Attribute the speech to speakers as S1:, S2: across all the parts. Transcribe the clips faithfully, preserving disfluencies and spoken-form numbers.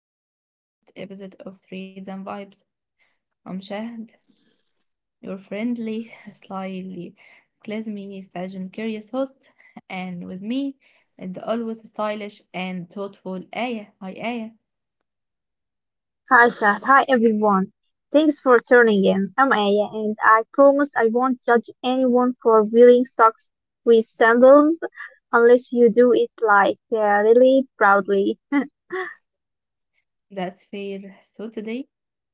S1: the very first episode of Threads and Vibes. I'm Shahd, your friendly, slyly, classy, fashion curious host, and with me, the always stylish and thoughtful Aya. Hi, Aya.
S2: Hi, Shah. Hi, everyone. Thanks for turning in. I'm Aya, and I promise I won't judge anyone for wearing socks with sandals unless you do it like uh, really proudly.
S1: That's fair. So today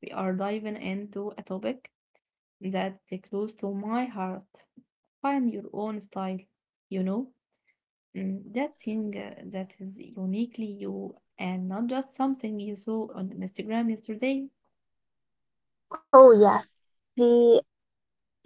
S1: we are diving into a topic that's close to my heart. Find your own style, you know. Mm, That thing uh, that is uniquely you and not just something you saw on Instagram yesterday.
S2: Oh, yes. The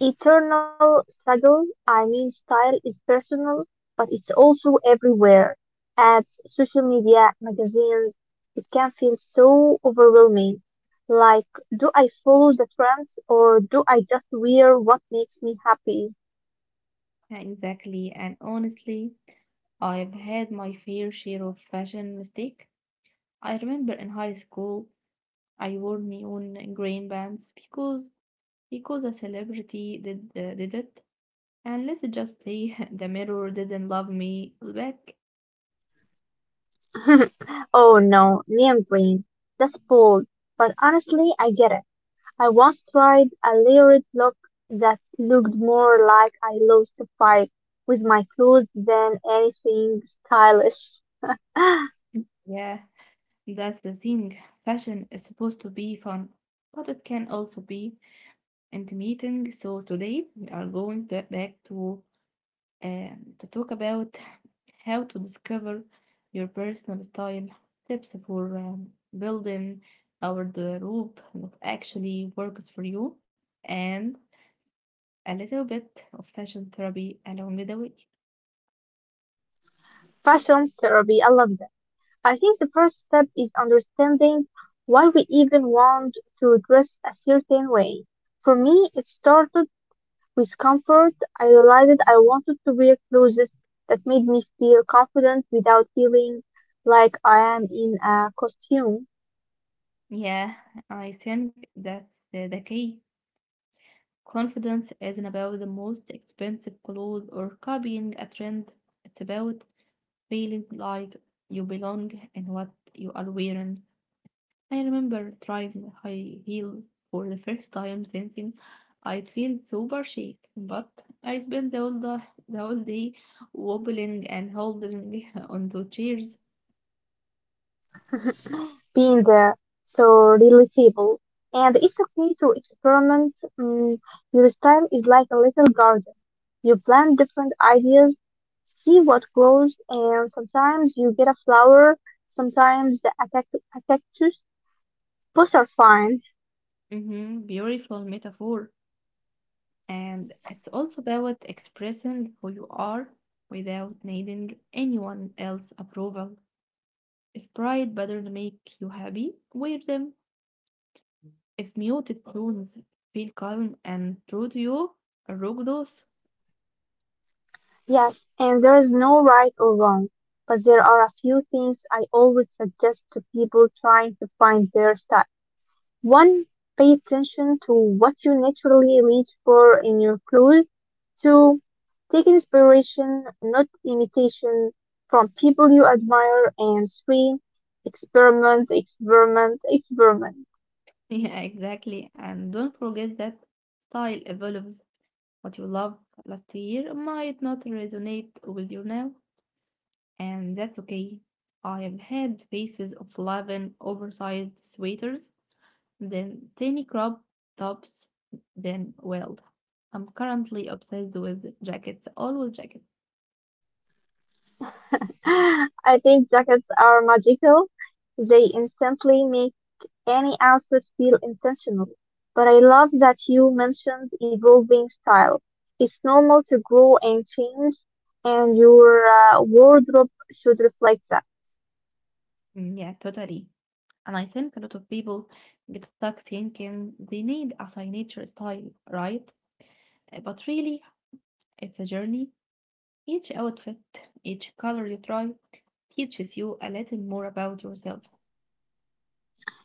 S2: Eternal struggle, I mean style is personal, but it's also everywhere. Ads, social media, magazines, it can feel so overwhelming. Like, do I follow the trends or do I just wear what makes me happy?
S1: Yeah, exactly. And honestly, I've had my fair share of fashion mistake. I remember in high school, I wore neon green pants because because a celebrity did uh, did it. And let's just say the mirror didn't love me back.
S2: Oh no, name brand. That's bold, but honestly, I get it. I once tried a layered look that looked more like I lost a fight with my clothes than anything stylish.
S1: Yeah, that's the thing. Fashion is supposed to be fun, but it can also be and meeting. So today we are going to, back to um, to talk about how to discover your personal style, tips for um, building our the rope that actually works for you, and a little bit of fashion therapy along the way.
S2: Fashion therapy, I love that. I think the first step is understanding why we even want to dress a certain way. For me, it started with comfort. I realized I wanted to wear clothes that made me feel confident without feeling like I am in a costume.
S1: Yeah, I think that's the, the key. Confidence isn't about the most expensive clothes or copying a trend. It's about feeling like you belong in what you are wearing. I remember trying high heels for the first time thinking I'd feel super chic, but I spent the whole, da- the whole day wobbling and holding onto chairs.
S2: being uh, so relatable. And it's okay to experiment. Mm, your style is like a little garden. You plant different ideas, see what grows, and sometimes you get a flower, sometimes the a cact- a cactus. Both are fine,
S1: hmm Beautiful metaphor. And it's also about expressing who you are without needing anyone else's approval. If pride patterns make you happy, wear them. If muted tones feel calm and true to you, rock those.
S2: yes, and there is no right or wrong. But there are a few things I always suggest to people trying to find their style. One, pay attention to what you naturally reach for in your clothes. Two, take inspiration, not imitation, from people you admire. And three, experiment, experiment, experiment.
S1: Yeah, exactly. And don't forget that style evolves. What you loved last year might not resonate with you now, and that's okay. I have had phases of loving oversized sweaters, then tiny crop tops, then well, I'm currently obsessed with jackets, always jackets.
S2: I think jackets are magical. They instantly make any outfit feel intentional. But I love that you mentioned evolving style. It's normal to grow and change, and your uh, wardrobe should reflect that.
S1: Mm, Yeah, totally. And I think a lot of people get stuck thinking they need a signature style, right? Uh, But really, it's a journey. Each outfit, each color you try, teaches you a little more about yourself.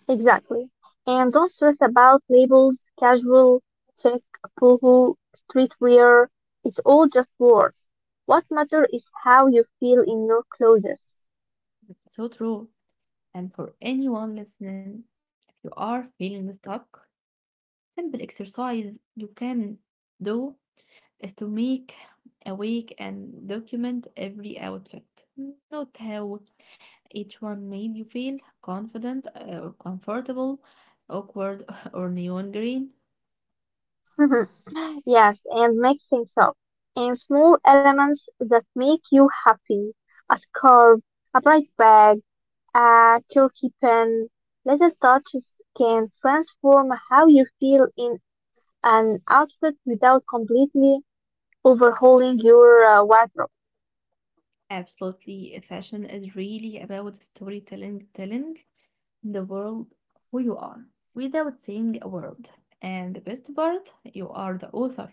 S2: Exactly. And don't stress about labels, casual, check, boohoo, streetwear. It's all just words. What matters is how you feel in your clothes.
S1: So true. And for anyone listening, if you are feeling stuck, simple exercise you can do is to make a week and document every outfit. Note how each one made you feel confident uh, or comfortable, awkward or neon green.
S2: Yes, and make things up in small elements that make you happy. A scarf, a bright bag, a turkey pin. Little touches can transform how you feel in an outfit without completely overhauling your uh, wardrobe.
S1: Absolutely, fashion is really about storytelling, telling the world who you are without saying a word. And the best part, you are the author.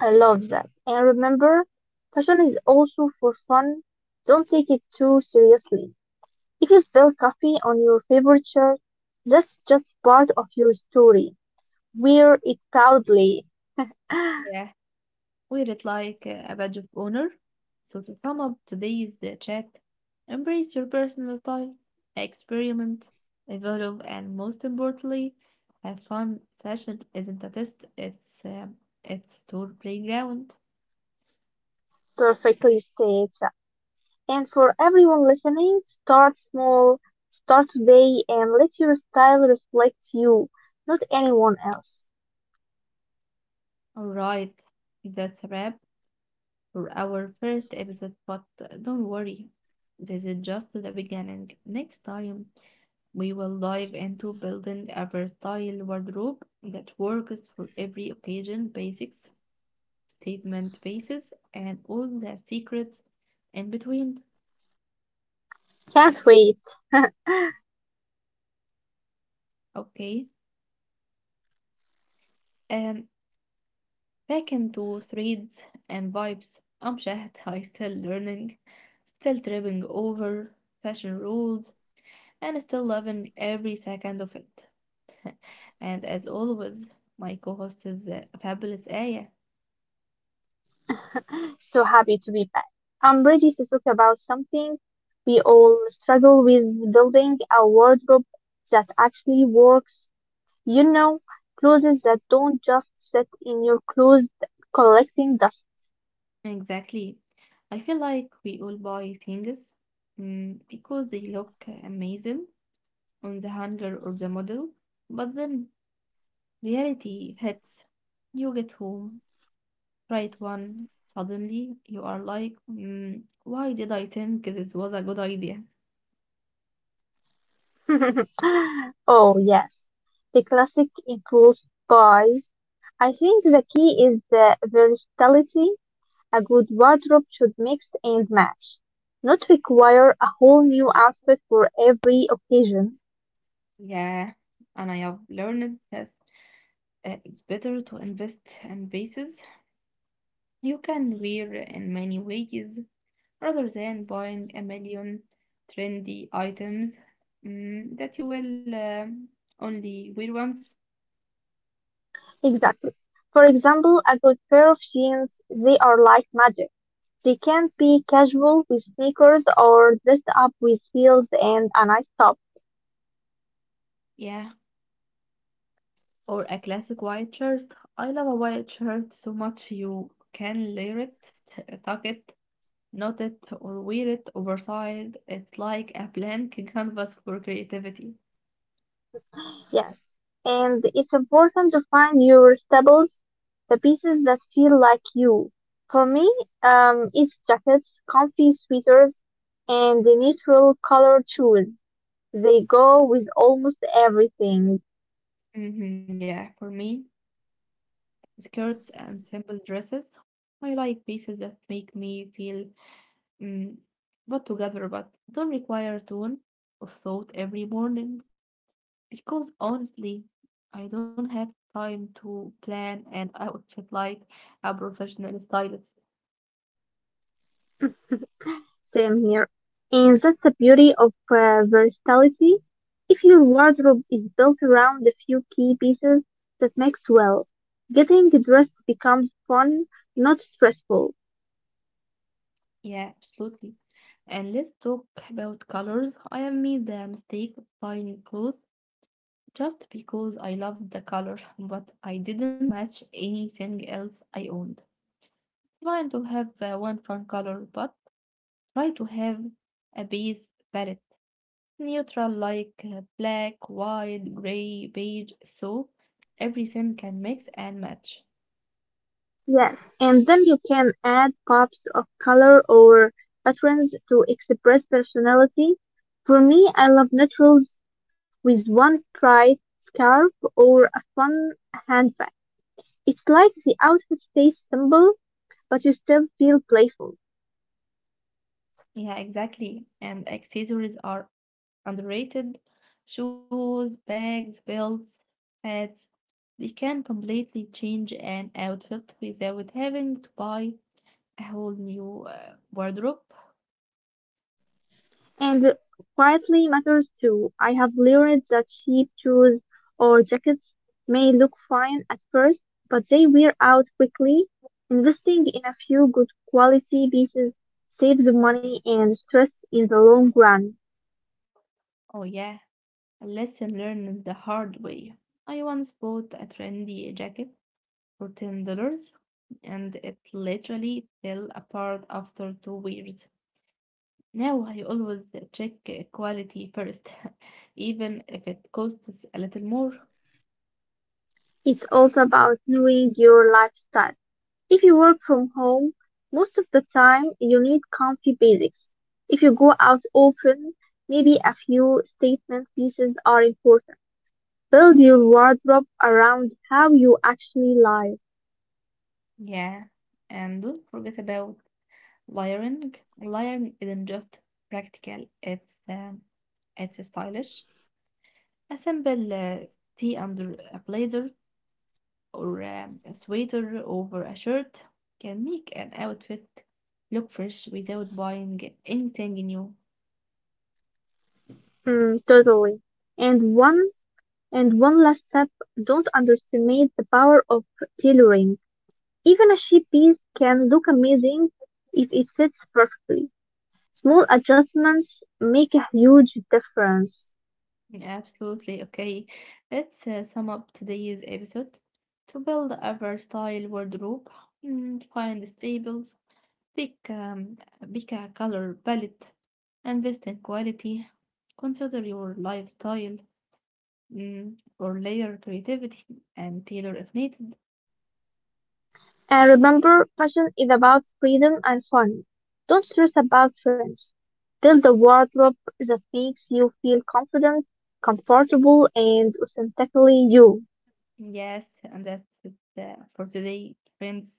S2: I love that. And remember, fashion is also for fun. Don't take it too seriously. If you spill coffee on your favorite shirt, that's just part of your story. Wear it proudly.
S1: Yeah, wear it like uh, a badge of honor. So, to sum up today's uh, chat, embrace your personal style, experiment, evolve, and most importantly, have fun. Fashion isn't a test, it's, um, it's tour playground.
S2: Perfectly said. And for everyone listening, start small, start today, and let your style reflect you, not anyone else.
S1: Alright, that's a wrap for our first episode, but uh, don't worry, this is just the beginning. Next time, we will dive into building a versatile wardrobe that works for every occasion, basics, statement pieces, and all the secrets in between.
S2: Can't wait.
S1: Okay, um, back into threads and vibes. I'm Shahd, I still learning, still tripping over fashion rules, and still loving every second of it. And as always, my co-host is uh, fabulous Aya.
S2: So happy to be back. I'm ready to talk about something we all struggle with building a wardrobe that actually works. You know, clothes that don't just sit in your closet collecting dust.
S1: Exactly. I feel like we all buy things mm, because they look amazing on the hanger or the model, but then reality hits. You get home, try it one, suddenly you are like, mm, why did I think this was a good idea?
S2: Oh, yes. The classic includes buys. I think the key is the versatility. A good wardrobe should mix and match, not require a whole new outfit for every occasion.
S1: Yeah, and I have learned that uh, it's better to invest in bases you can wear in many ways rather than buying a million trendy items mm, that you will um, only wear once.
S2: Exactly. For example, a good pair of jeans, they are like magic. They can be casual with sneakers or dressed up with heels and a nice top.
S1: Yeah, or a classic white shirt. I love a white shirt so much you can layer it, t- tuck it, knot it, or wear it oversized. It's like a blank canvas for creativity.
S2: Yes, and it's important to find your staples, the pieces that feel like you. For me, um, it's jackets, comfy sweaters, and the neutral color shoes. They go with almost everything.
S1: Mhm, yeah, for me, skirts and simple dresses. I like pieces that make me feel Mm, but together, but don't require a ton of thought every morning because honestly, I don't have time to plan an outfit like a professional stylist.
S2: Same here. And that's the beauty of uh, versatility. If your wardrobe is built around a few key pieces, that makes well. Getting dressed becomes fun, not stressful.
S1: Yeah, absolutely. And let's talk about colors. I have made the mistake of buying clothes just because I loved the color, but I didn't match anything else I owned. It's fine to have uh, one fun color, but try to have a base palette neutral like uh, black, white, gray, beige, so everything can mix and match.
S2: Yes, and then you can add pops of color or patterns to express personality. For me, I love neutrals with one bright scarf or a fun handbag. It's like the outfit stays simple, but you still feel playful.
S1: Yeah, exactly. And accessories are underrated. Shoes, bags, belts, hats. They can completely change an outfit without having to buy a whole new uh, wardrobe.
S2: And quietly matters too. I have learned that cheap shoes or jackets may look fine at first, but they wear out quickly. Investing in a few good quality pieces saves money and stress in the long run.
S1: Oh, yeah, a lesson learned the hard way. I once bought a trendy jacket for ten dollars and it literally fell apart after two wears. Now I always check quality first, even if it costs a little more.
S2: It's also about knowing your lifestyle. If you work from home, most of the time you need comfy basics. If you go out often, maybe a few statement pieces are important. Build your wardrobe around how you actually live.
S1: Yeah, and don't forget about layering. Layering isn't just practical, it's um, it's stylish. A simple uh, tee under a blazer or um, a sweater over a shirt can make an outfit look fresh without buying anything new.
S2: Mm, totally. And one and one last step, don't underestimate the power of tailoring. Even a cheap piece can look amazing if it fits perfectly. Small adjustments make a huge difference.
S1: Absolutely okay. Let's uh, sum up today's episode. To build a versatile wardrobe, mm, find staples, pick um, pick a color palette, invest in quality, consider your lifestyle, mm, or layer creativity and tailor if needed.
S2: And remember, fashion is about freedom and fun. Don't stress about trends. Build a wardrobe that makes you feel confident, comfortable, and authentically you.
S1: Yes, and that's it uh, for today, friends.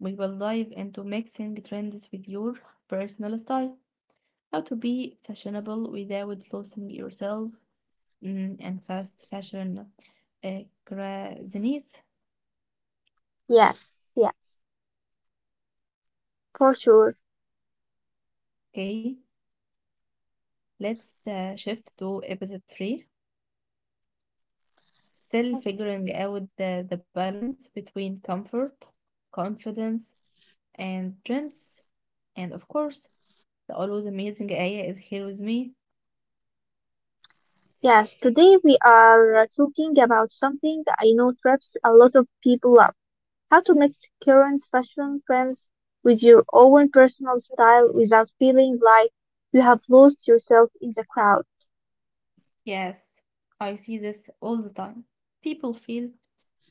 S1: We will dive into mixing trends with your personal style, how to be fashionable without losing yourself mm, and fast fashion uh, craziness.
S2: Yes, yes, for sure.
S1: Okay, let's uh, shift to episode three. Still figuring out the, the balance between comfort, confidence, and trends. And of course, the always amazing Aya is here with me.
S2: Yes, today we are uh, talking about something I know traps a lot of people up. How to mix current fashion trends with your own personal style without feeling like you have lost yourself in the crowd.
S1: Yes, I see this all the time. People feel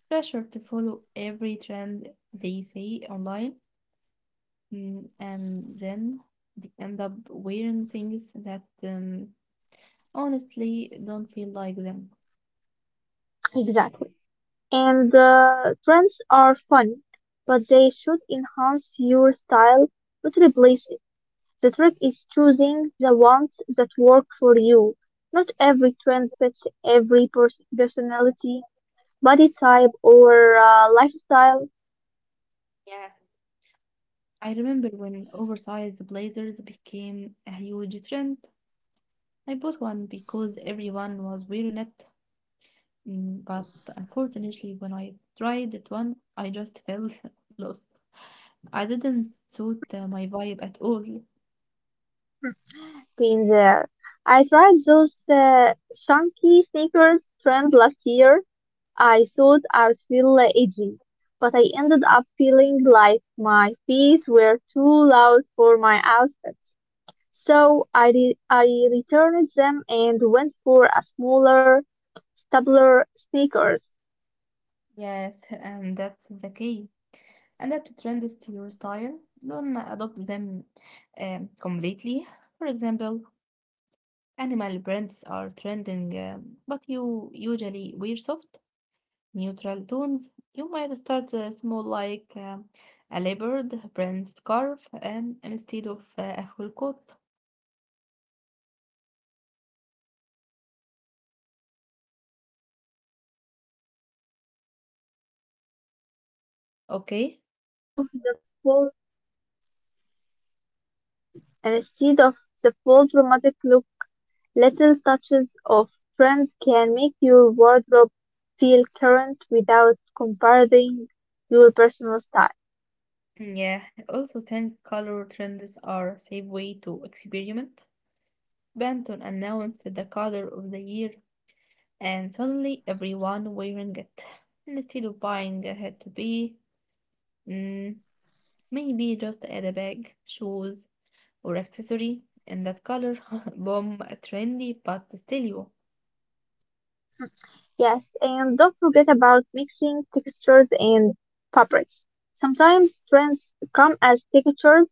S1: pressure to follow every trend they see online, mm, and then they end up wearing things that um, honestly don't feel like them.
S2: Exactly. And uh, trends are fun, but they should enhance your style, not replace it. The trick is choosing the ones that work for you. Not every trend fits every pers- personality, body type, or uh, lifestyle.
S1: Yeah, I remember when oversized blazers became a huge trend. I bought one because everyone was wearing it, mm, but unfortunately, when I tried it one, I just felt lost. I didn't suit uh, my vibe at all.
S2: Been there. I tried those uh, chunky sneakers trend last year. I thought I would feel uh, edgy, but I ended up feeling like my feet were too loud for my outfits. So I re- I returned them and went for a smaller Stabler sneakers.
S1: Yes, and that's the key. Adapt trends to your style. Don't adopt them um, completely. For example, animal brands are trending, um, but you usually wear soft, neutral tones. You might start uh, small, like um, a leopard brand scarf um, instead of uh, a full coat.
S2: Exactly, yes. Or if puffy sleeves are everywhere, try it up with just slightly puffed sleeves
S1: Okay.
S2: instead of the full instead of the full dramatic look. Little touches of trend can make your wardrobe feel current without compromising your personal style.
S1: Mm, Yeah. Also, think color trends are a safe way to experiment. Benton announced the color of the year, and suddenly everyone wearing it. Instead of buying a had to be, mm, maybe just add a bag, shoes, or accessory in that color. Boom, trendy, but still you.
S2: Yes, and don't forget about mixing textures and fabrics. Sometimes trends come as textures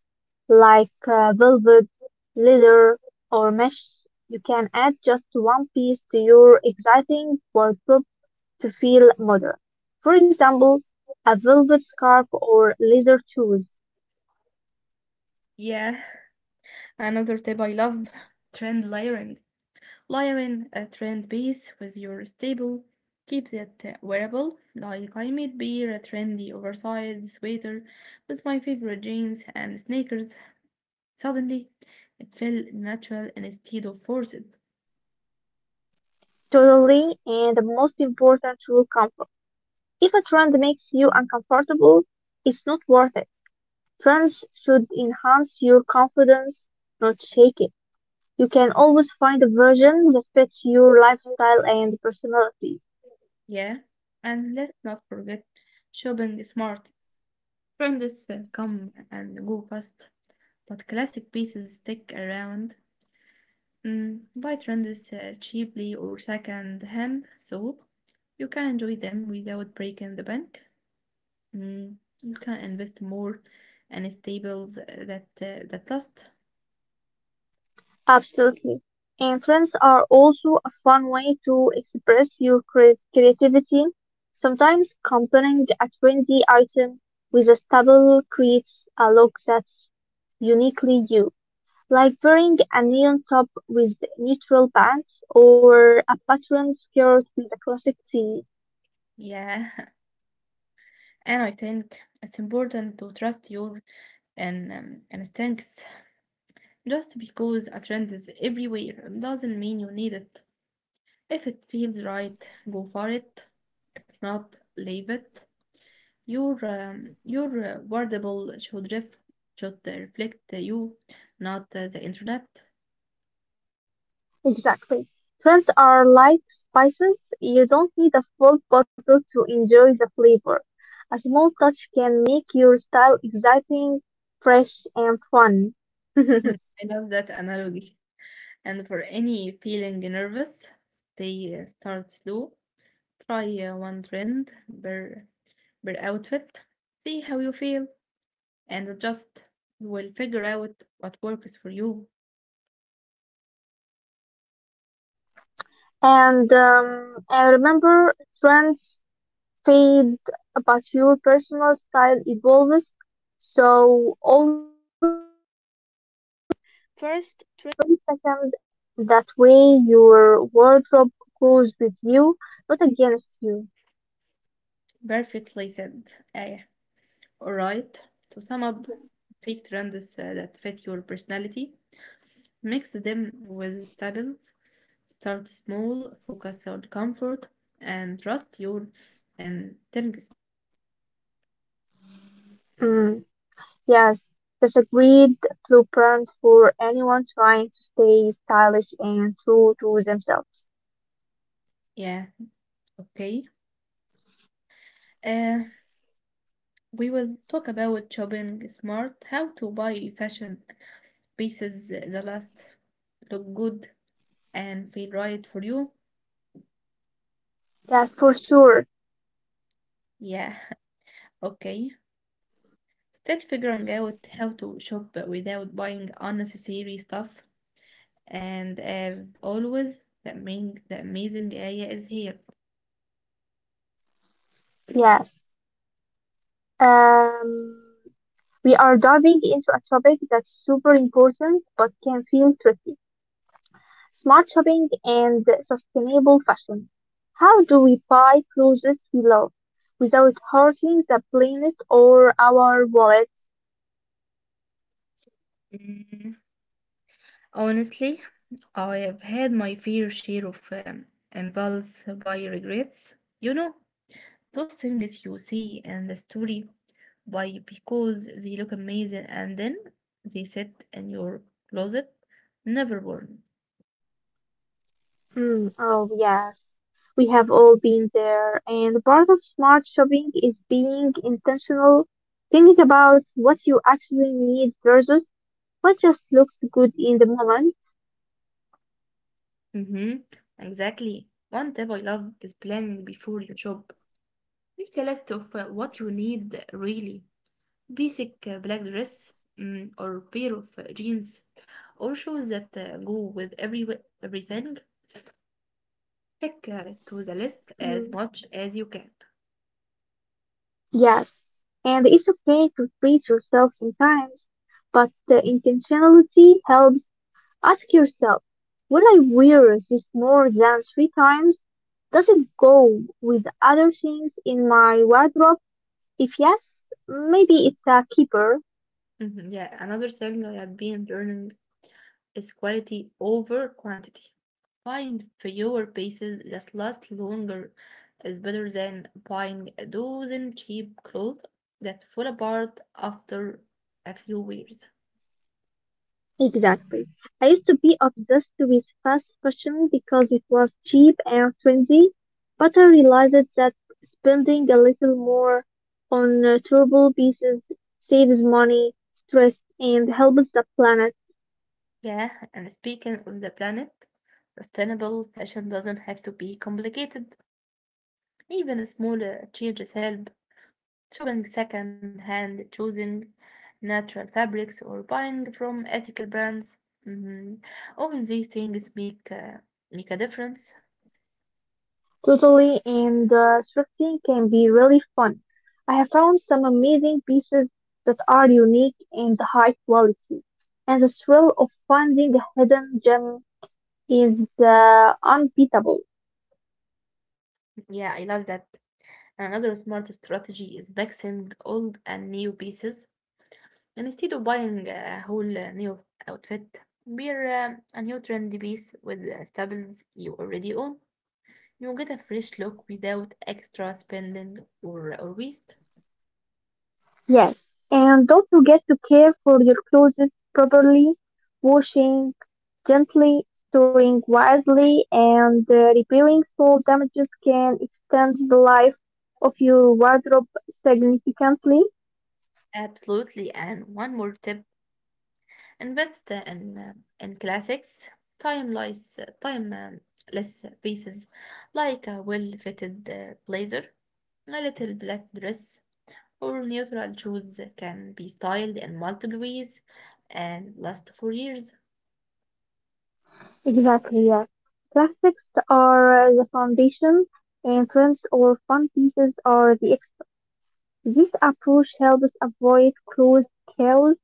S2: like uh, velvet, leather, or mesh. You can add just one piece to your exciting wardrobe to feel modern. For example, a velvet scarf or leather shoes.
S1: Yeah, another tip I love trend layering. Layering a trend piece with your staple keeps it uh, wearable. Like I made beer a trendy oversized sweater with my favorite jeans and sneakers. Suddenly, it felt natural instead of forced.
S2: Totally, and the most important rule comfort. If a trend makes you uncomfortable, it's not worth it. Trends should enhance your confidence, not shake it. You can always find a version that fits your lifestyle and personality.
S1: Yeah, and let's not forget shopping smart. Trends uh, come and go fast, but classic pieces stick around. Mm, buy trends uh, cheaply or second hand, so you can enjoy them without breaking the bank. Mm, you can invest more and staples that uh, that last.
S2: Absolutely. And trends are also a fun way to express your cre- creativity. Sometimes combining a trendy item with a staple creates a look that's uniquely you, like wearing a neon top with neutral pants or a patterned skirt with a classic tee.
S1: Yeah, and I think it's important to trust your and um, and stinks. Just because a trend is everywhere doesn't mean you need it. If it feels right, go for it. If not, leave it. Your um, your uh, wordable should ref should uh, reflect uh, you, not uh, the internet.
S2: Exactly. Trends are like spices. You don't need a full bottle to enjoy the flavor. A small touch can make your style exciting, fresh, and fun.
S1: I love that analogy. And for any feeling nervous, stay uh, start slow. Try uh, one trend per per outfit. See how you feel. And adjust. You will figure out what works for you.
S2: and um, and remember, trends fade, but your personal style evolves. So always First, trend second, that way your wardrobe goes with you, not against you.
S1: Perfectly said, Aya. Alright, to sum up, pick trends uh, that fit your personality, mix them with staples, start small, focus on comfort, and trust your instincts.
S2: Mm. Yes, that's a great blueprint for anyone trying to stay stylish and true to themselves.
S1: Yeah, okay. Uh, we will talk about shopping smart, how to buy fashion pieces that last, look good, and feel right for you.
S2: Yes, for sure.
S1: Yeah, okay. Still figuring out how to shop without buying unnecessary stuff. And as always, the, main, the amazing Aya is here.
S2: Yes. Um, we are diving into a topic that's super important but can feel tricky. Smart shopping and sustainable fashion. How do we buy clothes we love without hurting the planet or our wallet?
S1: Mm, honestly, I have had my fair share of um, impulse buy regrets. You know, those things you see in the story buy because they look amazing and then they sit in your closet, never worn.
S2: Mm, oh, yes. We have all been there, and part of smart shopping is being intentional, thinking about what you actually need versus what just looks good in the moment.
S1: Mm-hmm. Exactly. One tip I love is planning before you shop. Make a list of uh, what you need really. Basic uh, black dress mm, or pair of uh, jeans or shoes that uh, go with every everything. Stick uh, to the list as
S2: Mm,
S1: much as you can.
S2: yes. And it's okay to treat yourself sometimes, but the intentionality helps. Ask yourself, will I wear this more than three times? Does it go with other things in my wardrobe? If yes, maybe it's a keeper.
S1: hmm Yeah, another thing I have been learning is quality over quantity. Buying fewer pieces that last longer is better than buying a dozen cheap clothes that fall apart after a few wears.
S2: Exactly. I used to be obsessed with fast fashion because it was cheap and trendy, but I realized that spending a little more on uh, durable pieces saves money, stress, and helps the planet.
S1: Yeah, and speaking of the planet, sustainable fashion doesn't have to be complicated. Even small uh, changes help. Shopping second hand, choosing natural fabrics, or buying from ethical brands. Mhm. All these things make uh, make a difference.
S2: Totally, and uh, thrifting can be really fun. I have found some amazing pieces that are unique and high quality, and the thrill of finding a hidden gem is uh, unbeatable.
S1: Yeah, I love that. Another smart strategy is mixing old and new pieces. Instead of buying a whole uh, new outfit, wear uh, a new trendy piece with uh, staples you already own. You get a fresh look without extra spending or, uh, or waste.
S2: Yes, and don't forget to care for your clothes properly, washing gently, storing wisely, and uh, repairing small damages can extend the life of your wardrobe significantly.
S1: Absolutely. And one more tip, invest uh, in uh, in classics, timeless, timeless pieces like a well-fitted uh, blazer, a little black dress, or neutral shoes can be styled in multiple ways and last for years.
S2: Exactly, yes. Plastics are uh, the foundation, and trends or fun pieces are the extra. This approach helps avoid clothes chaos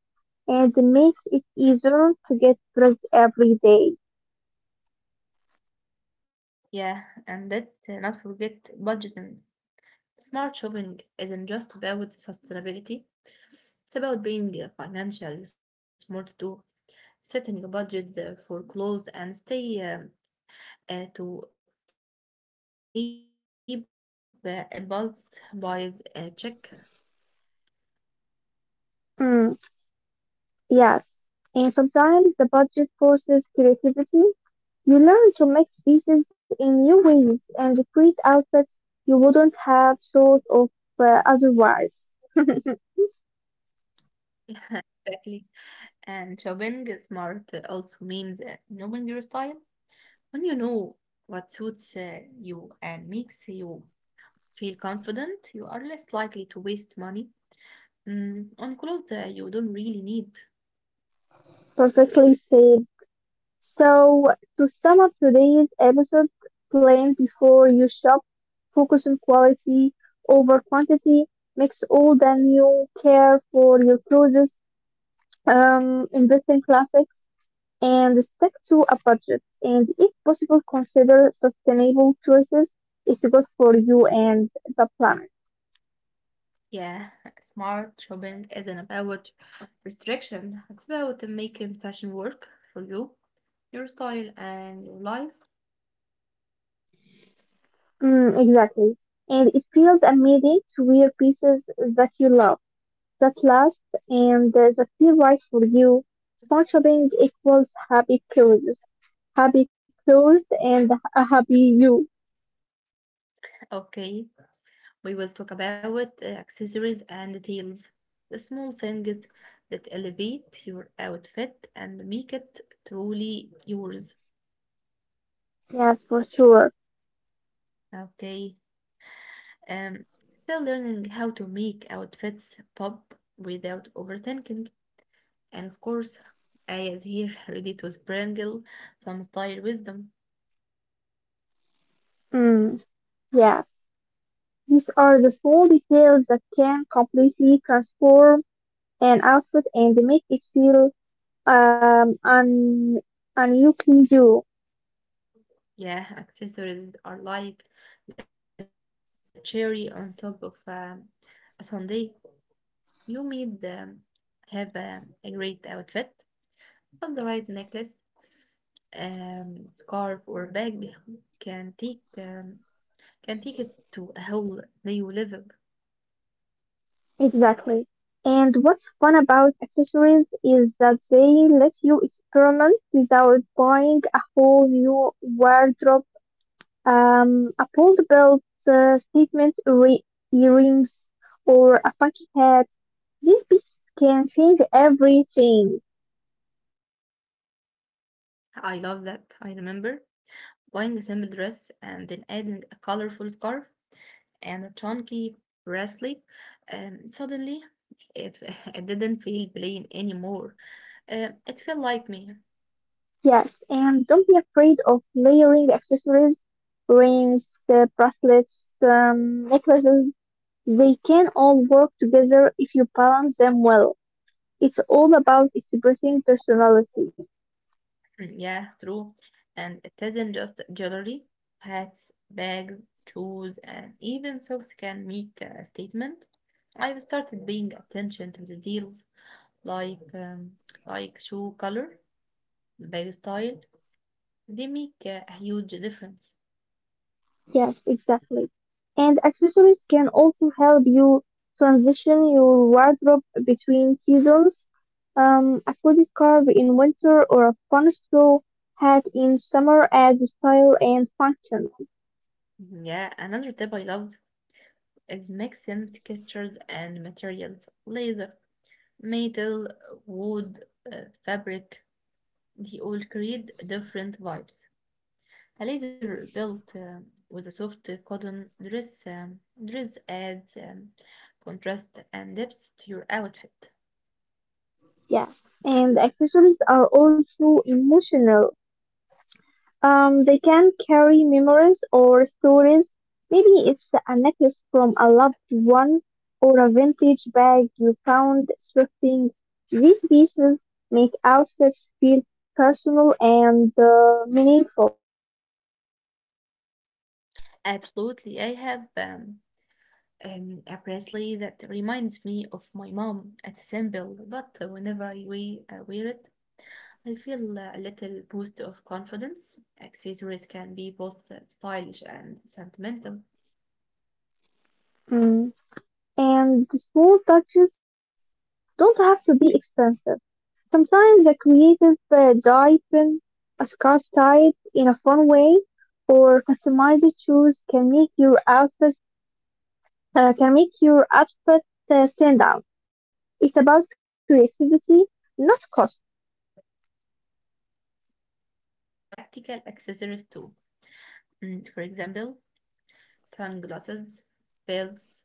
S2: and makes it easier to get dressed every day.
S1: Yeah, and let's uh, not forget budgeting. Smart shopping isn't just about sustainability, it's about being uh, financially smart too, setting a budget uh, for clothes and stay um, uh, to keep uh, impulse buys uh, check.
S2: Mm, yes, and sometimes the budget forces creativity. You learn to mix pieces in new ways and create outfits you wouldn't have thought of uh, otherwise.
S1: Exactly. And shopping smart also means uh, knowing your style. When you know what suits uh, you and makes you feel confident, you are less likely to waste money mm, on clothes that you don't really need.
S2: Perfectly said. So, to sum up today's episode, plan before you shop, focus on quality over quantity, mix old and new, care for your clothes, um, invest in classics and stick to a budget. And if possible, consider sustainable choices. It's good for you and the planet.
S1: Yeah, smart shopping isn't about restriction. It's about making fashion work for you, your style, and your life.
S2: Mm, exactly. And it feels amazing to wear pieces that you love, that last, and uh, that feel right for you. Smart shopping equals happy clothes, happy clothes, and a happy you.
S1: Okay, we will talk about uh, accessories and details, the small things that elevate your outfit and make it truly yours.
S2: Yes, for sure.
S1: Okay. Um, Still learning how to make outfits pop without overthinking. And of course, I is here ready to sprinkle some style wisdom.
S2: Mm, yeah. These are the small details that can completely transform and output and make it feel um un unusual
S1: Yeah, accessories are like the cherry on top of um, a sundae. You need um, have a, a great outfit. On the right necklace, um, scarf, or bag can take um, can take it to a whole new level.
S2: exactly. And what's fun about accessories is that they let you experiment without buying a whole new wardrobe. Um, a pulled belt, uh, statement re- earrings, or a funky hat. These pieces can change everything.
S1: I love that. I remember buying a simple dress and then adding a colorful scarf and a chunky bracelet. Um, suddenly, it, it didn't feel plain anymore. Um, it felt like me.
S2: Yes, and don't be afraid of layering accessories, rings, uh, bracelets, um, necklaces. They can all work together if you balance them well. It's all about expressing personality.
S1: Mm, yeah, true. And it isn't just jewelry. Hats, bags, shoes, and even socks can make a statement. I've started paying attention to the deals like um, like shoe color, bag style. They make a huge difference.
S2: Yes, exactly. And accessories can also help you transition your wardrobe between seasons. Um, a cozy scarf in winter or a fun straw hat in summer adds style and function.
S1: Mhm, yeah, another tip I love is mixing textures and materials. Leather, metal, wood, uh, fabric. They all create different vibes. A leather belt um, with a soft cotton dress, um, dress adds um, contrast and depth to your outfit.
S2: Yes, and accessories are also emotional. Um, they can carry memories or stories. Maybe it's a necklace from a loved one or a vintage bag you found thrifting. These pieces make outfits feel personal and uh, meaningful.
S1: Absolutely. I have um, um, a bracelet that reminds me of my mom. It's simple, but whenever I we, uh, wear it, I feel uh, a little boost of confidence. Accessories can be both uh, stylish and sentimental.
S2: Mm. And the small touches don't have to be expensive. Sometimes the creative uh, dye trim a scarf tied in a fun way, or customized shoes can make your outfit uh, can make your outfit uh, stand out. It's about creativity, not cost.
S1: Yeah, and don't forget about practical accessories too. Mm, for example, sunglasses, belts,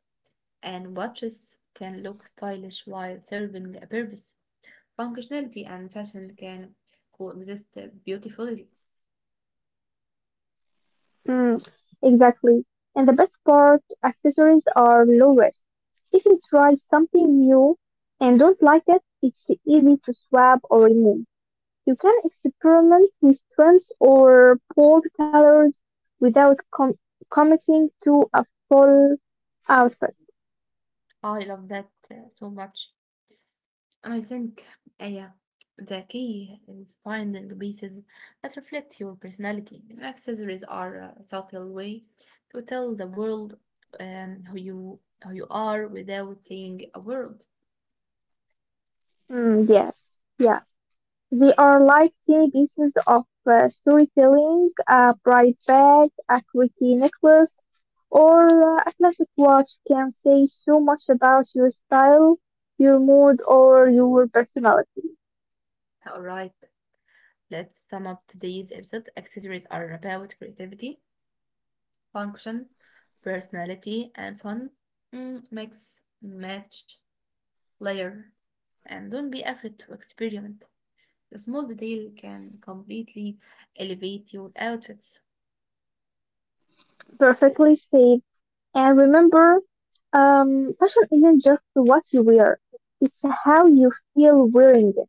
S1: and watches can look stylish while serving a purpose. Functionality and fashion can coexist beautifully.
S2: Mm, exactly. And the best part, accessories are low risk. If you try something new and don't like it, it's easy to swap or remove. You can experiment with trends or bold colors without com- committing to a full outfit.
S1: I love that uh, so much. And I think, uh, yeah, the key is finding pieces that reflect your personality. And accessories are a subtle way to tell the world um, who you who you are without saying a word.
S2: Mm, yes, yeah. They are like tiny pieces of uh, storytelling, a bright bag, a quirky necklace, or uh, a classic watch can say so much about your style, your mood, or your personality.
S1: All right. Let's sum up today's episode. Accessories are about creativity, function, personality, and fun. Mm, mix, match, layer. And don't be afraid to experiment. The small detail can completely elevate your outfits.
S2: Perfectly said. And remember, Um, fashion isn't just what you wear, it's how you feel wearing it.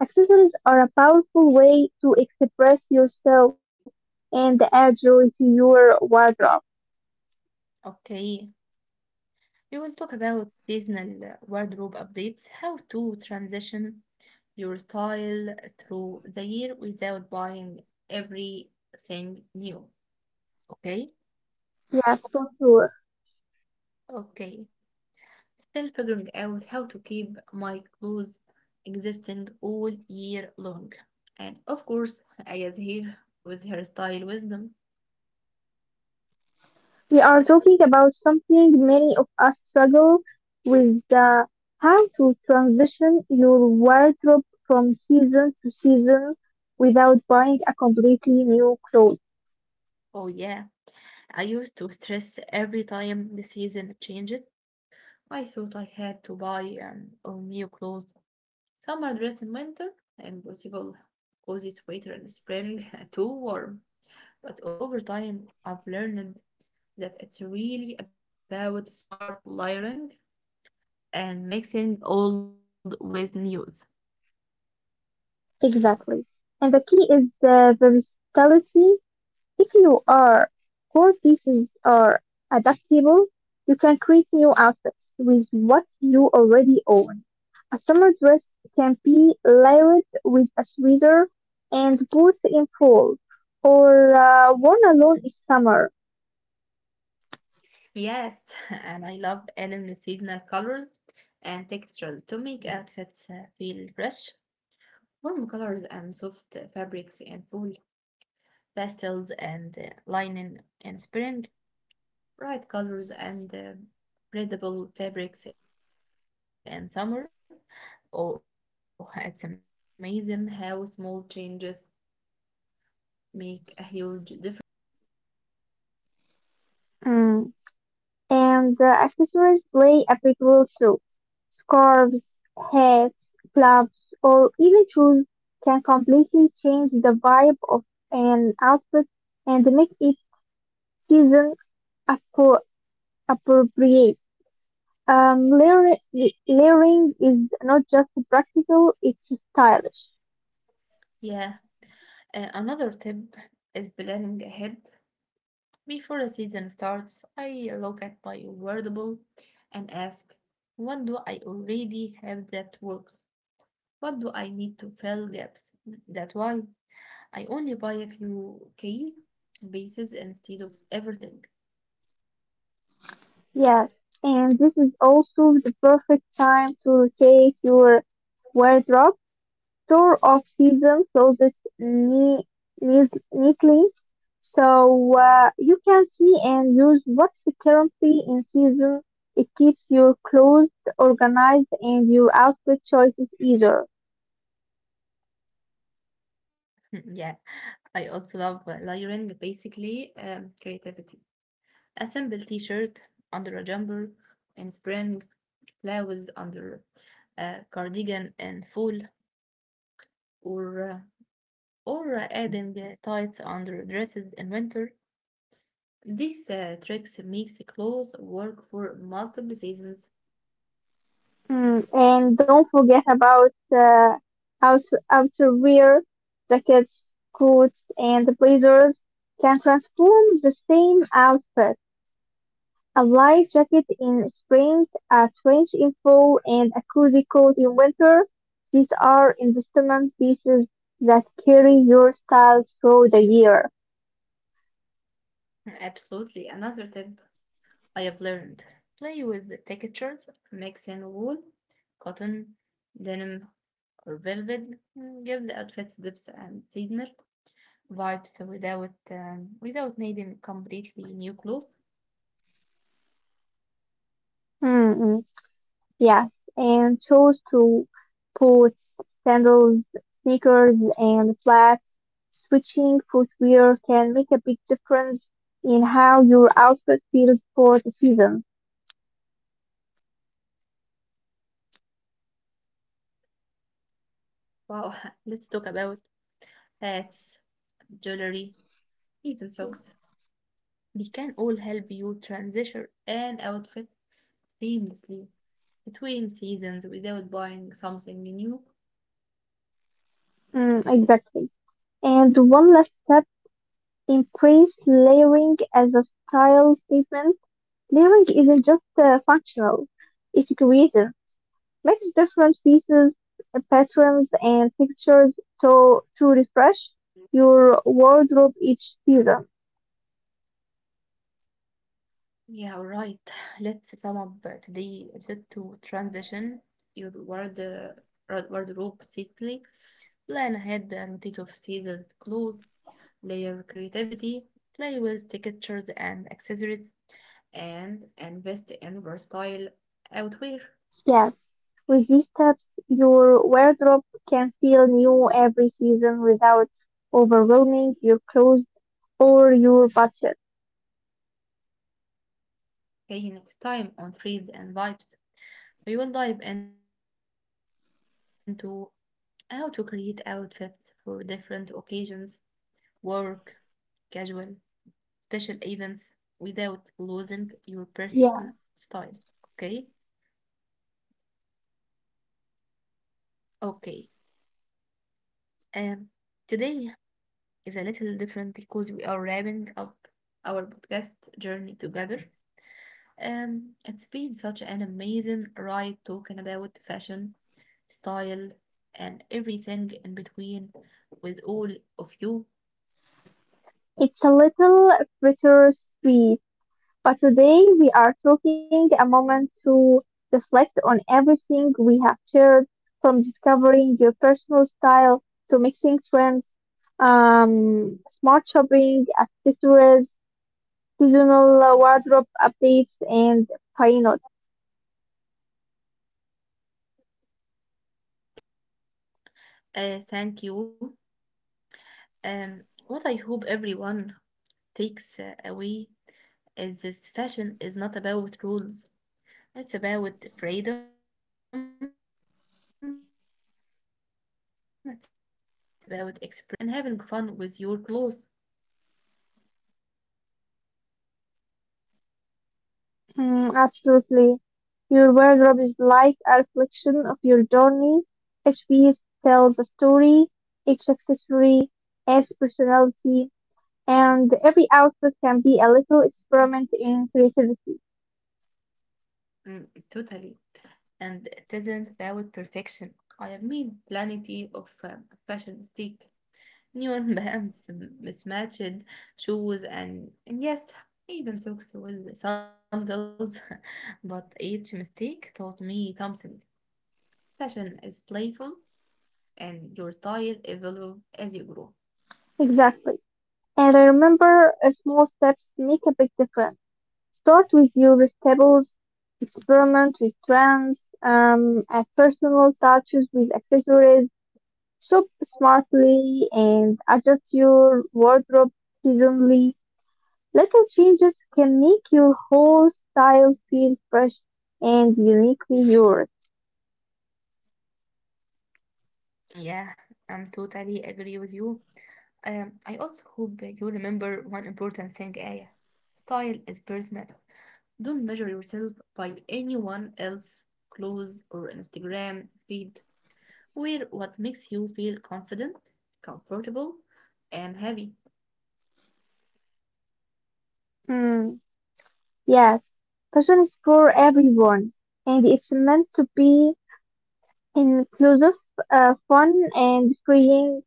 S2: Accessories are a powerful way to express yourself and add joy to your wardrobe.
S1: Okay, we will talk about seasonal wardrobe updates, how to transition your style through the year without buying everything new. Okay,
S2: Yes, for sure.
S1: okay. Still figuring out how to keep my clothes existing all year long. And of course, Aya's here with her style wisdom.
S2: We are talking about something many of us struggle with, the how to transition your wardrobe from season to season without buying a completely new clothes.
S1: Oh yeah, I used to stress every time the season changed. I thought I had to buy um, all new clothes. Summer dress in winter, impossible. Cozy sweater in spring, too warm. But over time, I've learned that it's really about smart layering and mixing old with new.
S2: Exactly. And the key is the versatility. If your core pieces are adaptable, you can create new outfits with what you already own. A summer dress can be layered with a sweater and boots in fall, or uh, worn alone in summer.
S1: Yes, and I love adding the seasonal colors and textures to make outfits uh, feel fresh. Warm colors and soft fabrics in fall, pastels and uh, linen in spring, bright colors and uh, breathable fabrics in summer. Oh, it's amazing how small changes make a huge difference.
S2: Mm. And uh, accessories play a big role too. Scarves, hats, gloves, or even shoes can completely change the vibe of an outfit and make it season appro- appropriate. Um, layering, layering is not just practical, it's stylish.
S1: Yeah, uh, another tip is planning ahead. Before the season starts, I look at my wordable and ask, what do I already have that works? What do I need to fill gaps? That's why I only buy a few key pieces instead of everything.
S2: Yes, and this is also the perfect time to rotate your wardrobe. Store off season clothes ne- ne- neatly so uh, you can see and use what's currently in season. It keeps your clothes organized and your outfit choices easier.
S1: Yeah, I also love uh, layering basically um, creativity. A simple t shirt under a jumper in spring, flowers under a cardigan in fall, or uh, or adding uh, tights under dresses in winter. These uh, tricks makes clothes work for multiple seasons.
S2: Mm, and don't forget about uh, out outerwear, jackets, coats, and blazers can transform the same outfit. A light jacket in spring, a trench in fall, and a cozy coat in winter. These are investment pieces that carry your style through the year.
S1: Absolutely. Another tip I have learned. Play with the textures, mixing wool, cotton, denim, or velvet. Mm, give the outfits depth and seasonal vibes without um, without needing completely new clothes.
S2: Mm, mm. Yes, and chose to put sandals, sneakers, and flats. Switching footwear can make a big difference in how your outfit feels for the season.
S1: Wow, let's talk about accessory again and again. Scarves, hats, jewelry, even socks. They can all help you transition an outfit seamlessly between seasons without buying something new.
S2: Mm, exactly. And one last step, embrace layering as a style statement. Layering isn't just uh, functional, it's creative. Mix different pieces, patterns, and textures to to refresh your wardrobe each season.
S1: Yeah, right. Let's sum up today episode to transition your ward, wardrobe safely. Plan ahead and rotate of season clothes, layer creativity, play with textures and accessories, and invest in versatile outwear.
S2: Yes, with these steps, your wardrobe can feel new every season without overwhelming your clothes or your budget.
S1: Okay, next time on Trends and Vibes. We will dive into how to create outfits for different occasions, work, casual, special events without losing your personal style.
S2: Yeah,
S1: Okay? Okay. Um, Today is a little different because we are wrapping up our podcast journey together. Um, it's been such an amazing ride talking about fashion, style, and everything in between with all of you.
S2: it's a little bittersweet. But today we are taking a moment to reflect on everything we have shared, from discovering your personal style to mixing trends, um, smart shopping, accessories, seasonal wardrobe updates, and why not?
S1: Okay, Aya, uh, thank you. Um, what I hope everyone takes uh, away is this: fashion is not about rules. It's about freedom. It's about expressing yourself, feeling confident, and and having fun with your clothes.
S2: Mm, absolutely. Your wardrobe is like a reflection of your journey. Each piece tells a story, each accessory adds personality, and every output can be a little experiment in creativity.
S1: Mm, totally. And it isn't about perfection. I have made plenty of uh, fashion mistakes. Neon bands, mismatched shoes, and, and yes, even socks with sandals. But each mistake taught me something. Fashion is playful, and your style evolves as you grow.
S2: Exactly. And I remember uh, small steps make a big difference. Start with your staples, experiment with trends, um, add personal touches with accessories, shop smartly, and adjust your wardrobe seasonally. Little changes can make your whole style feel fresh and uniquely yours.
S1: Yeah, I'm totally agree with you. Um, I also hope that you remember one important thing, Aya. Style is personal. Don't measure yourself by anyone else's clothes or Instagram feed. Wear what makes you feel confident, comfortable, and happy.
S2: Hmm. Yes, fashion is for everyone, and it's meant to be inclusive, uh, fun, and freeing.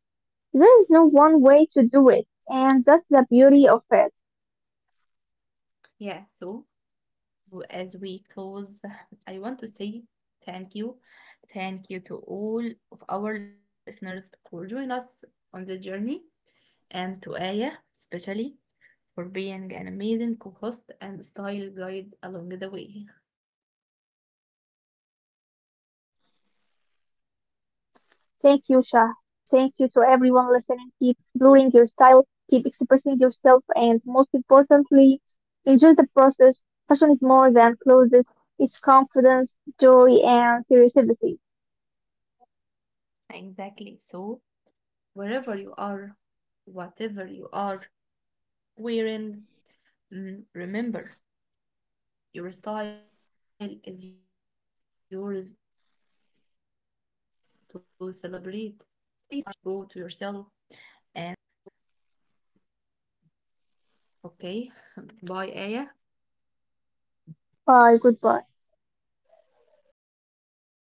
S2: There is no one way to do it, and that's the beauty of it.
S1: Yeah, so as we close, I want to say thank you. Thank you to all of our listeners for joining us on the journey, and to Aya, especially, for being an amazing co host and style guide along the way.
S2: Thank you, Shah, and thank you to everyone listening. Keep exploring your style, keep expressing yourself, and most importantly, enjoy the process. Fashion is more than clothes, it's confidence, joy, and creativity.
S1: Exactly. So, wherever you are, whatever you are wearing, mm, remember, your style is yours to celebrate. Stay stylish, stay true to yourself, and have fun every step of the way. Okay, bye, Aya.
S2: Bye, goodbye.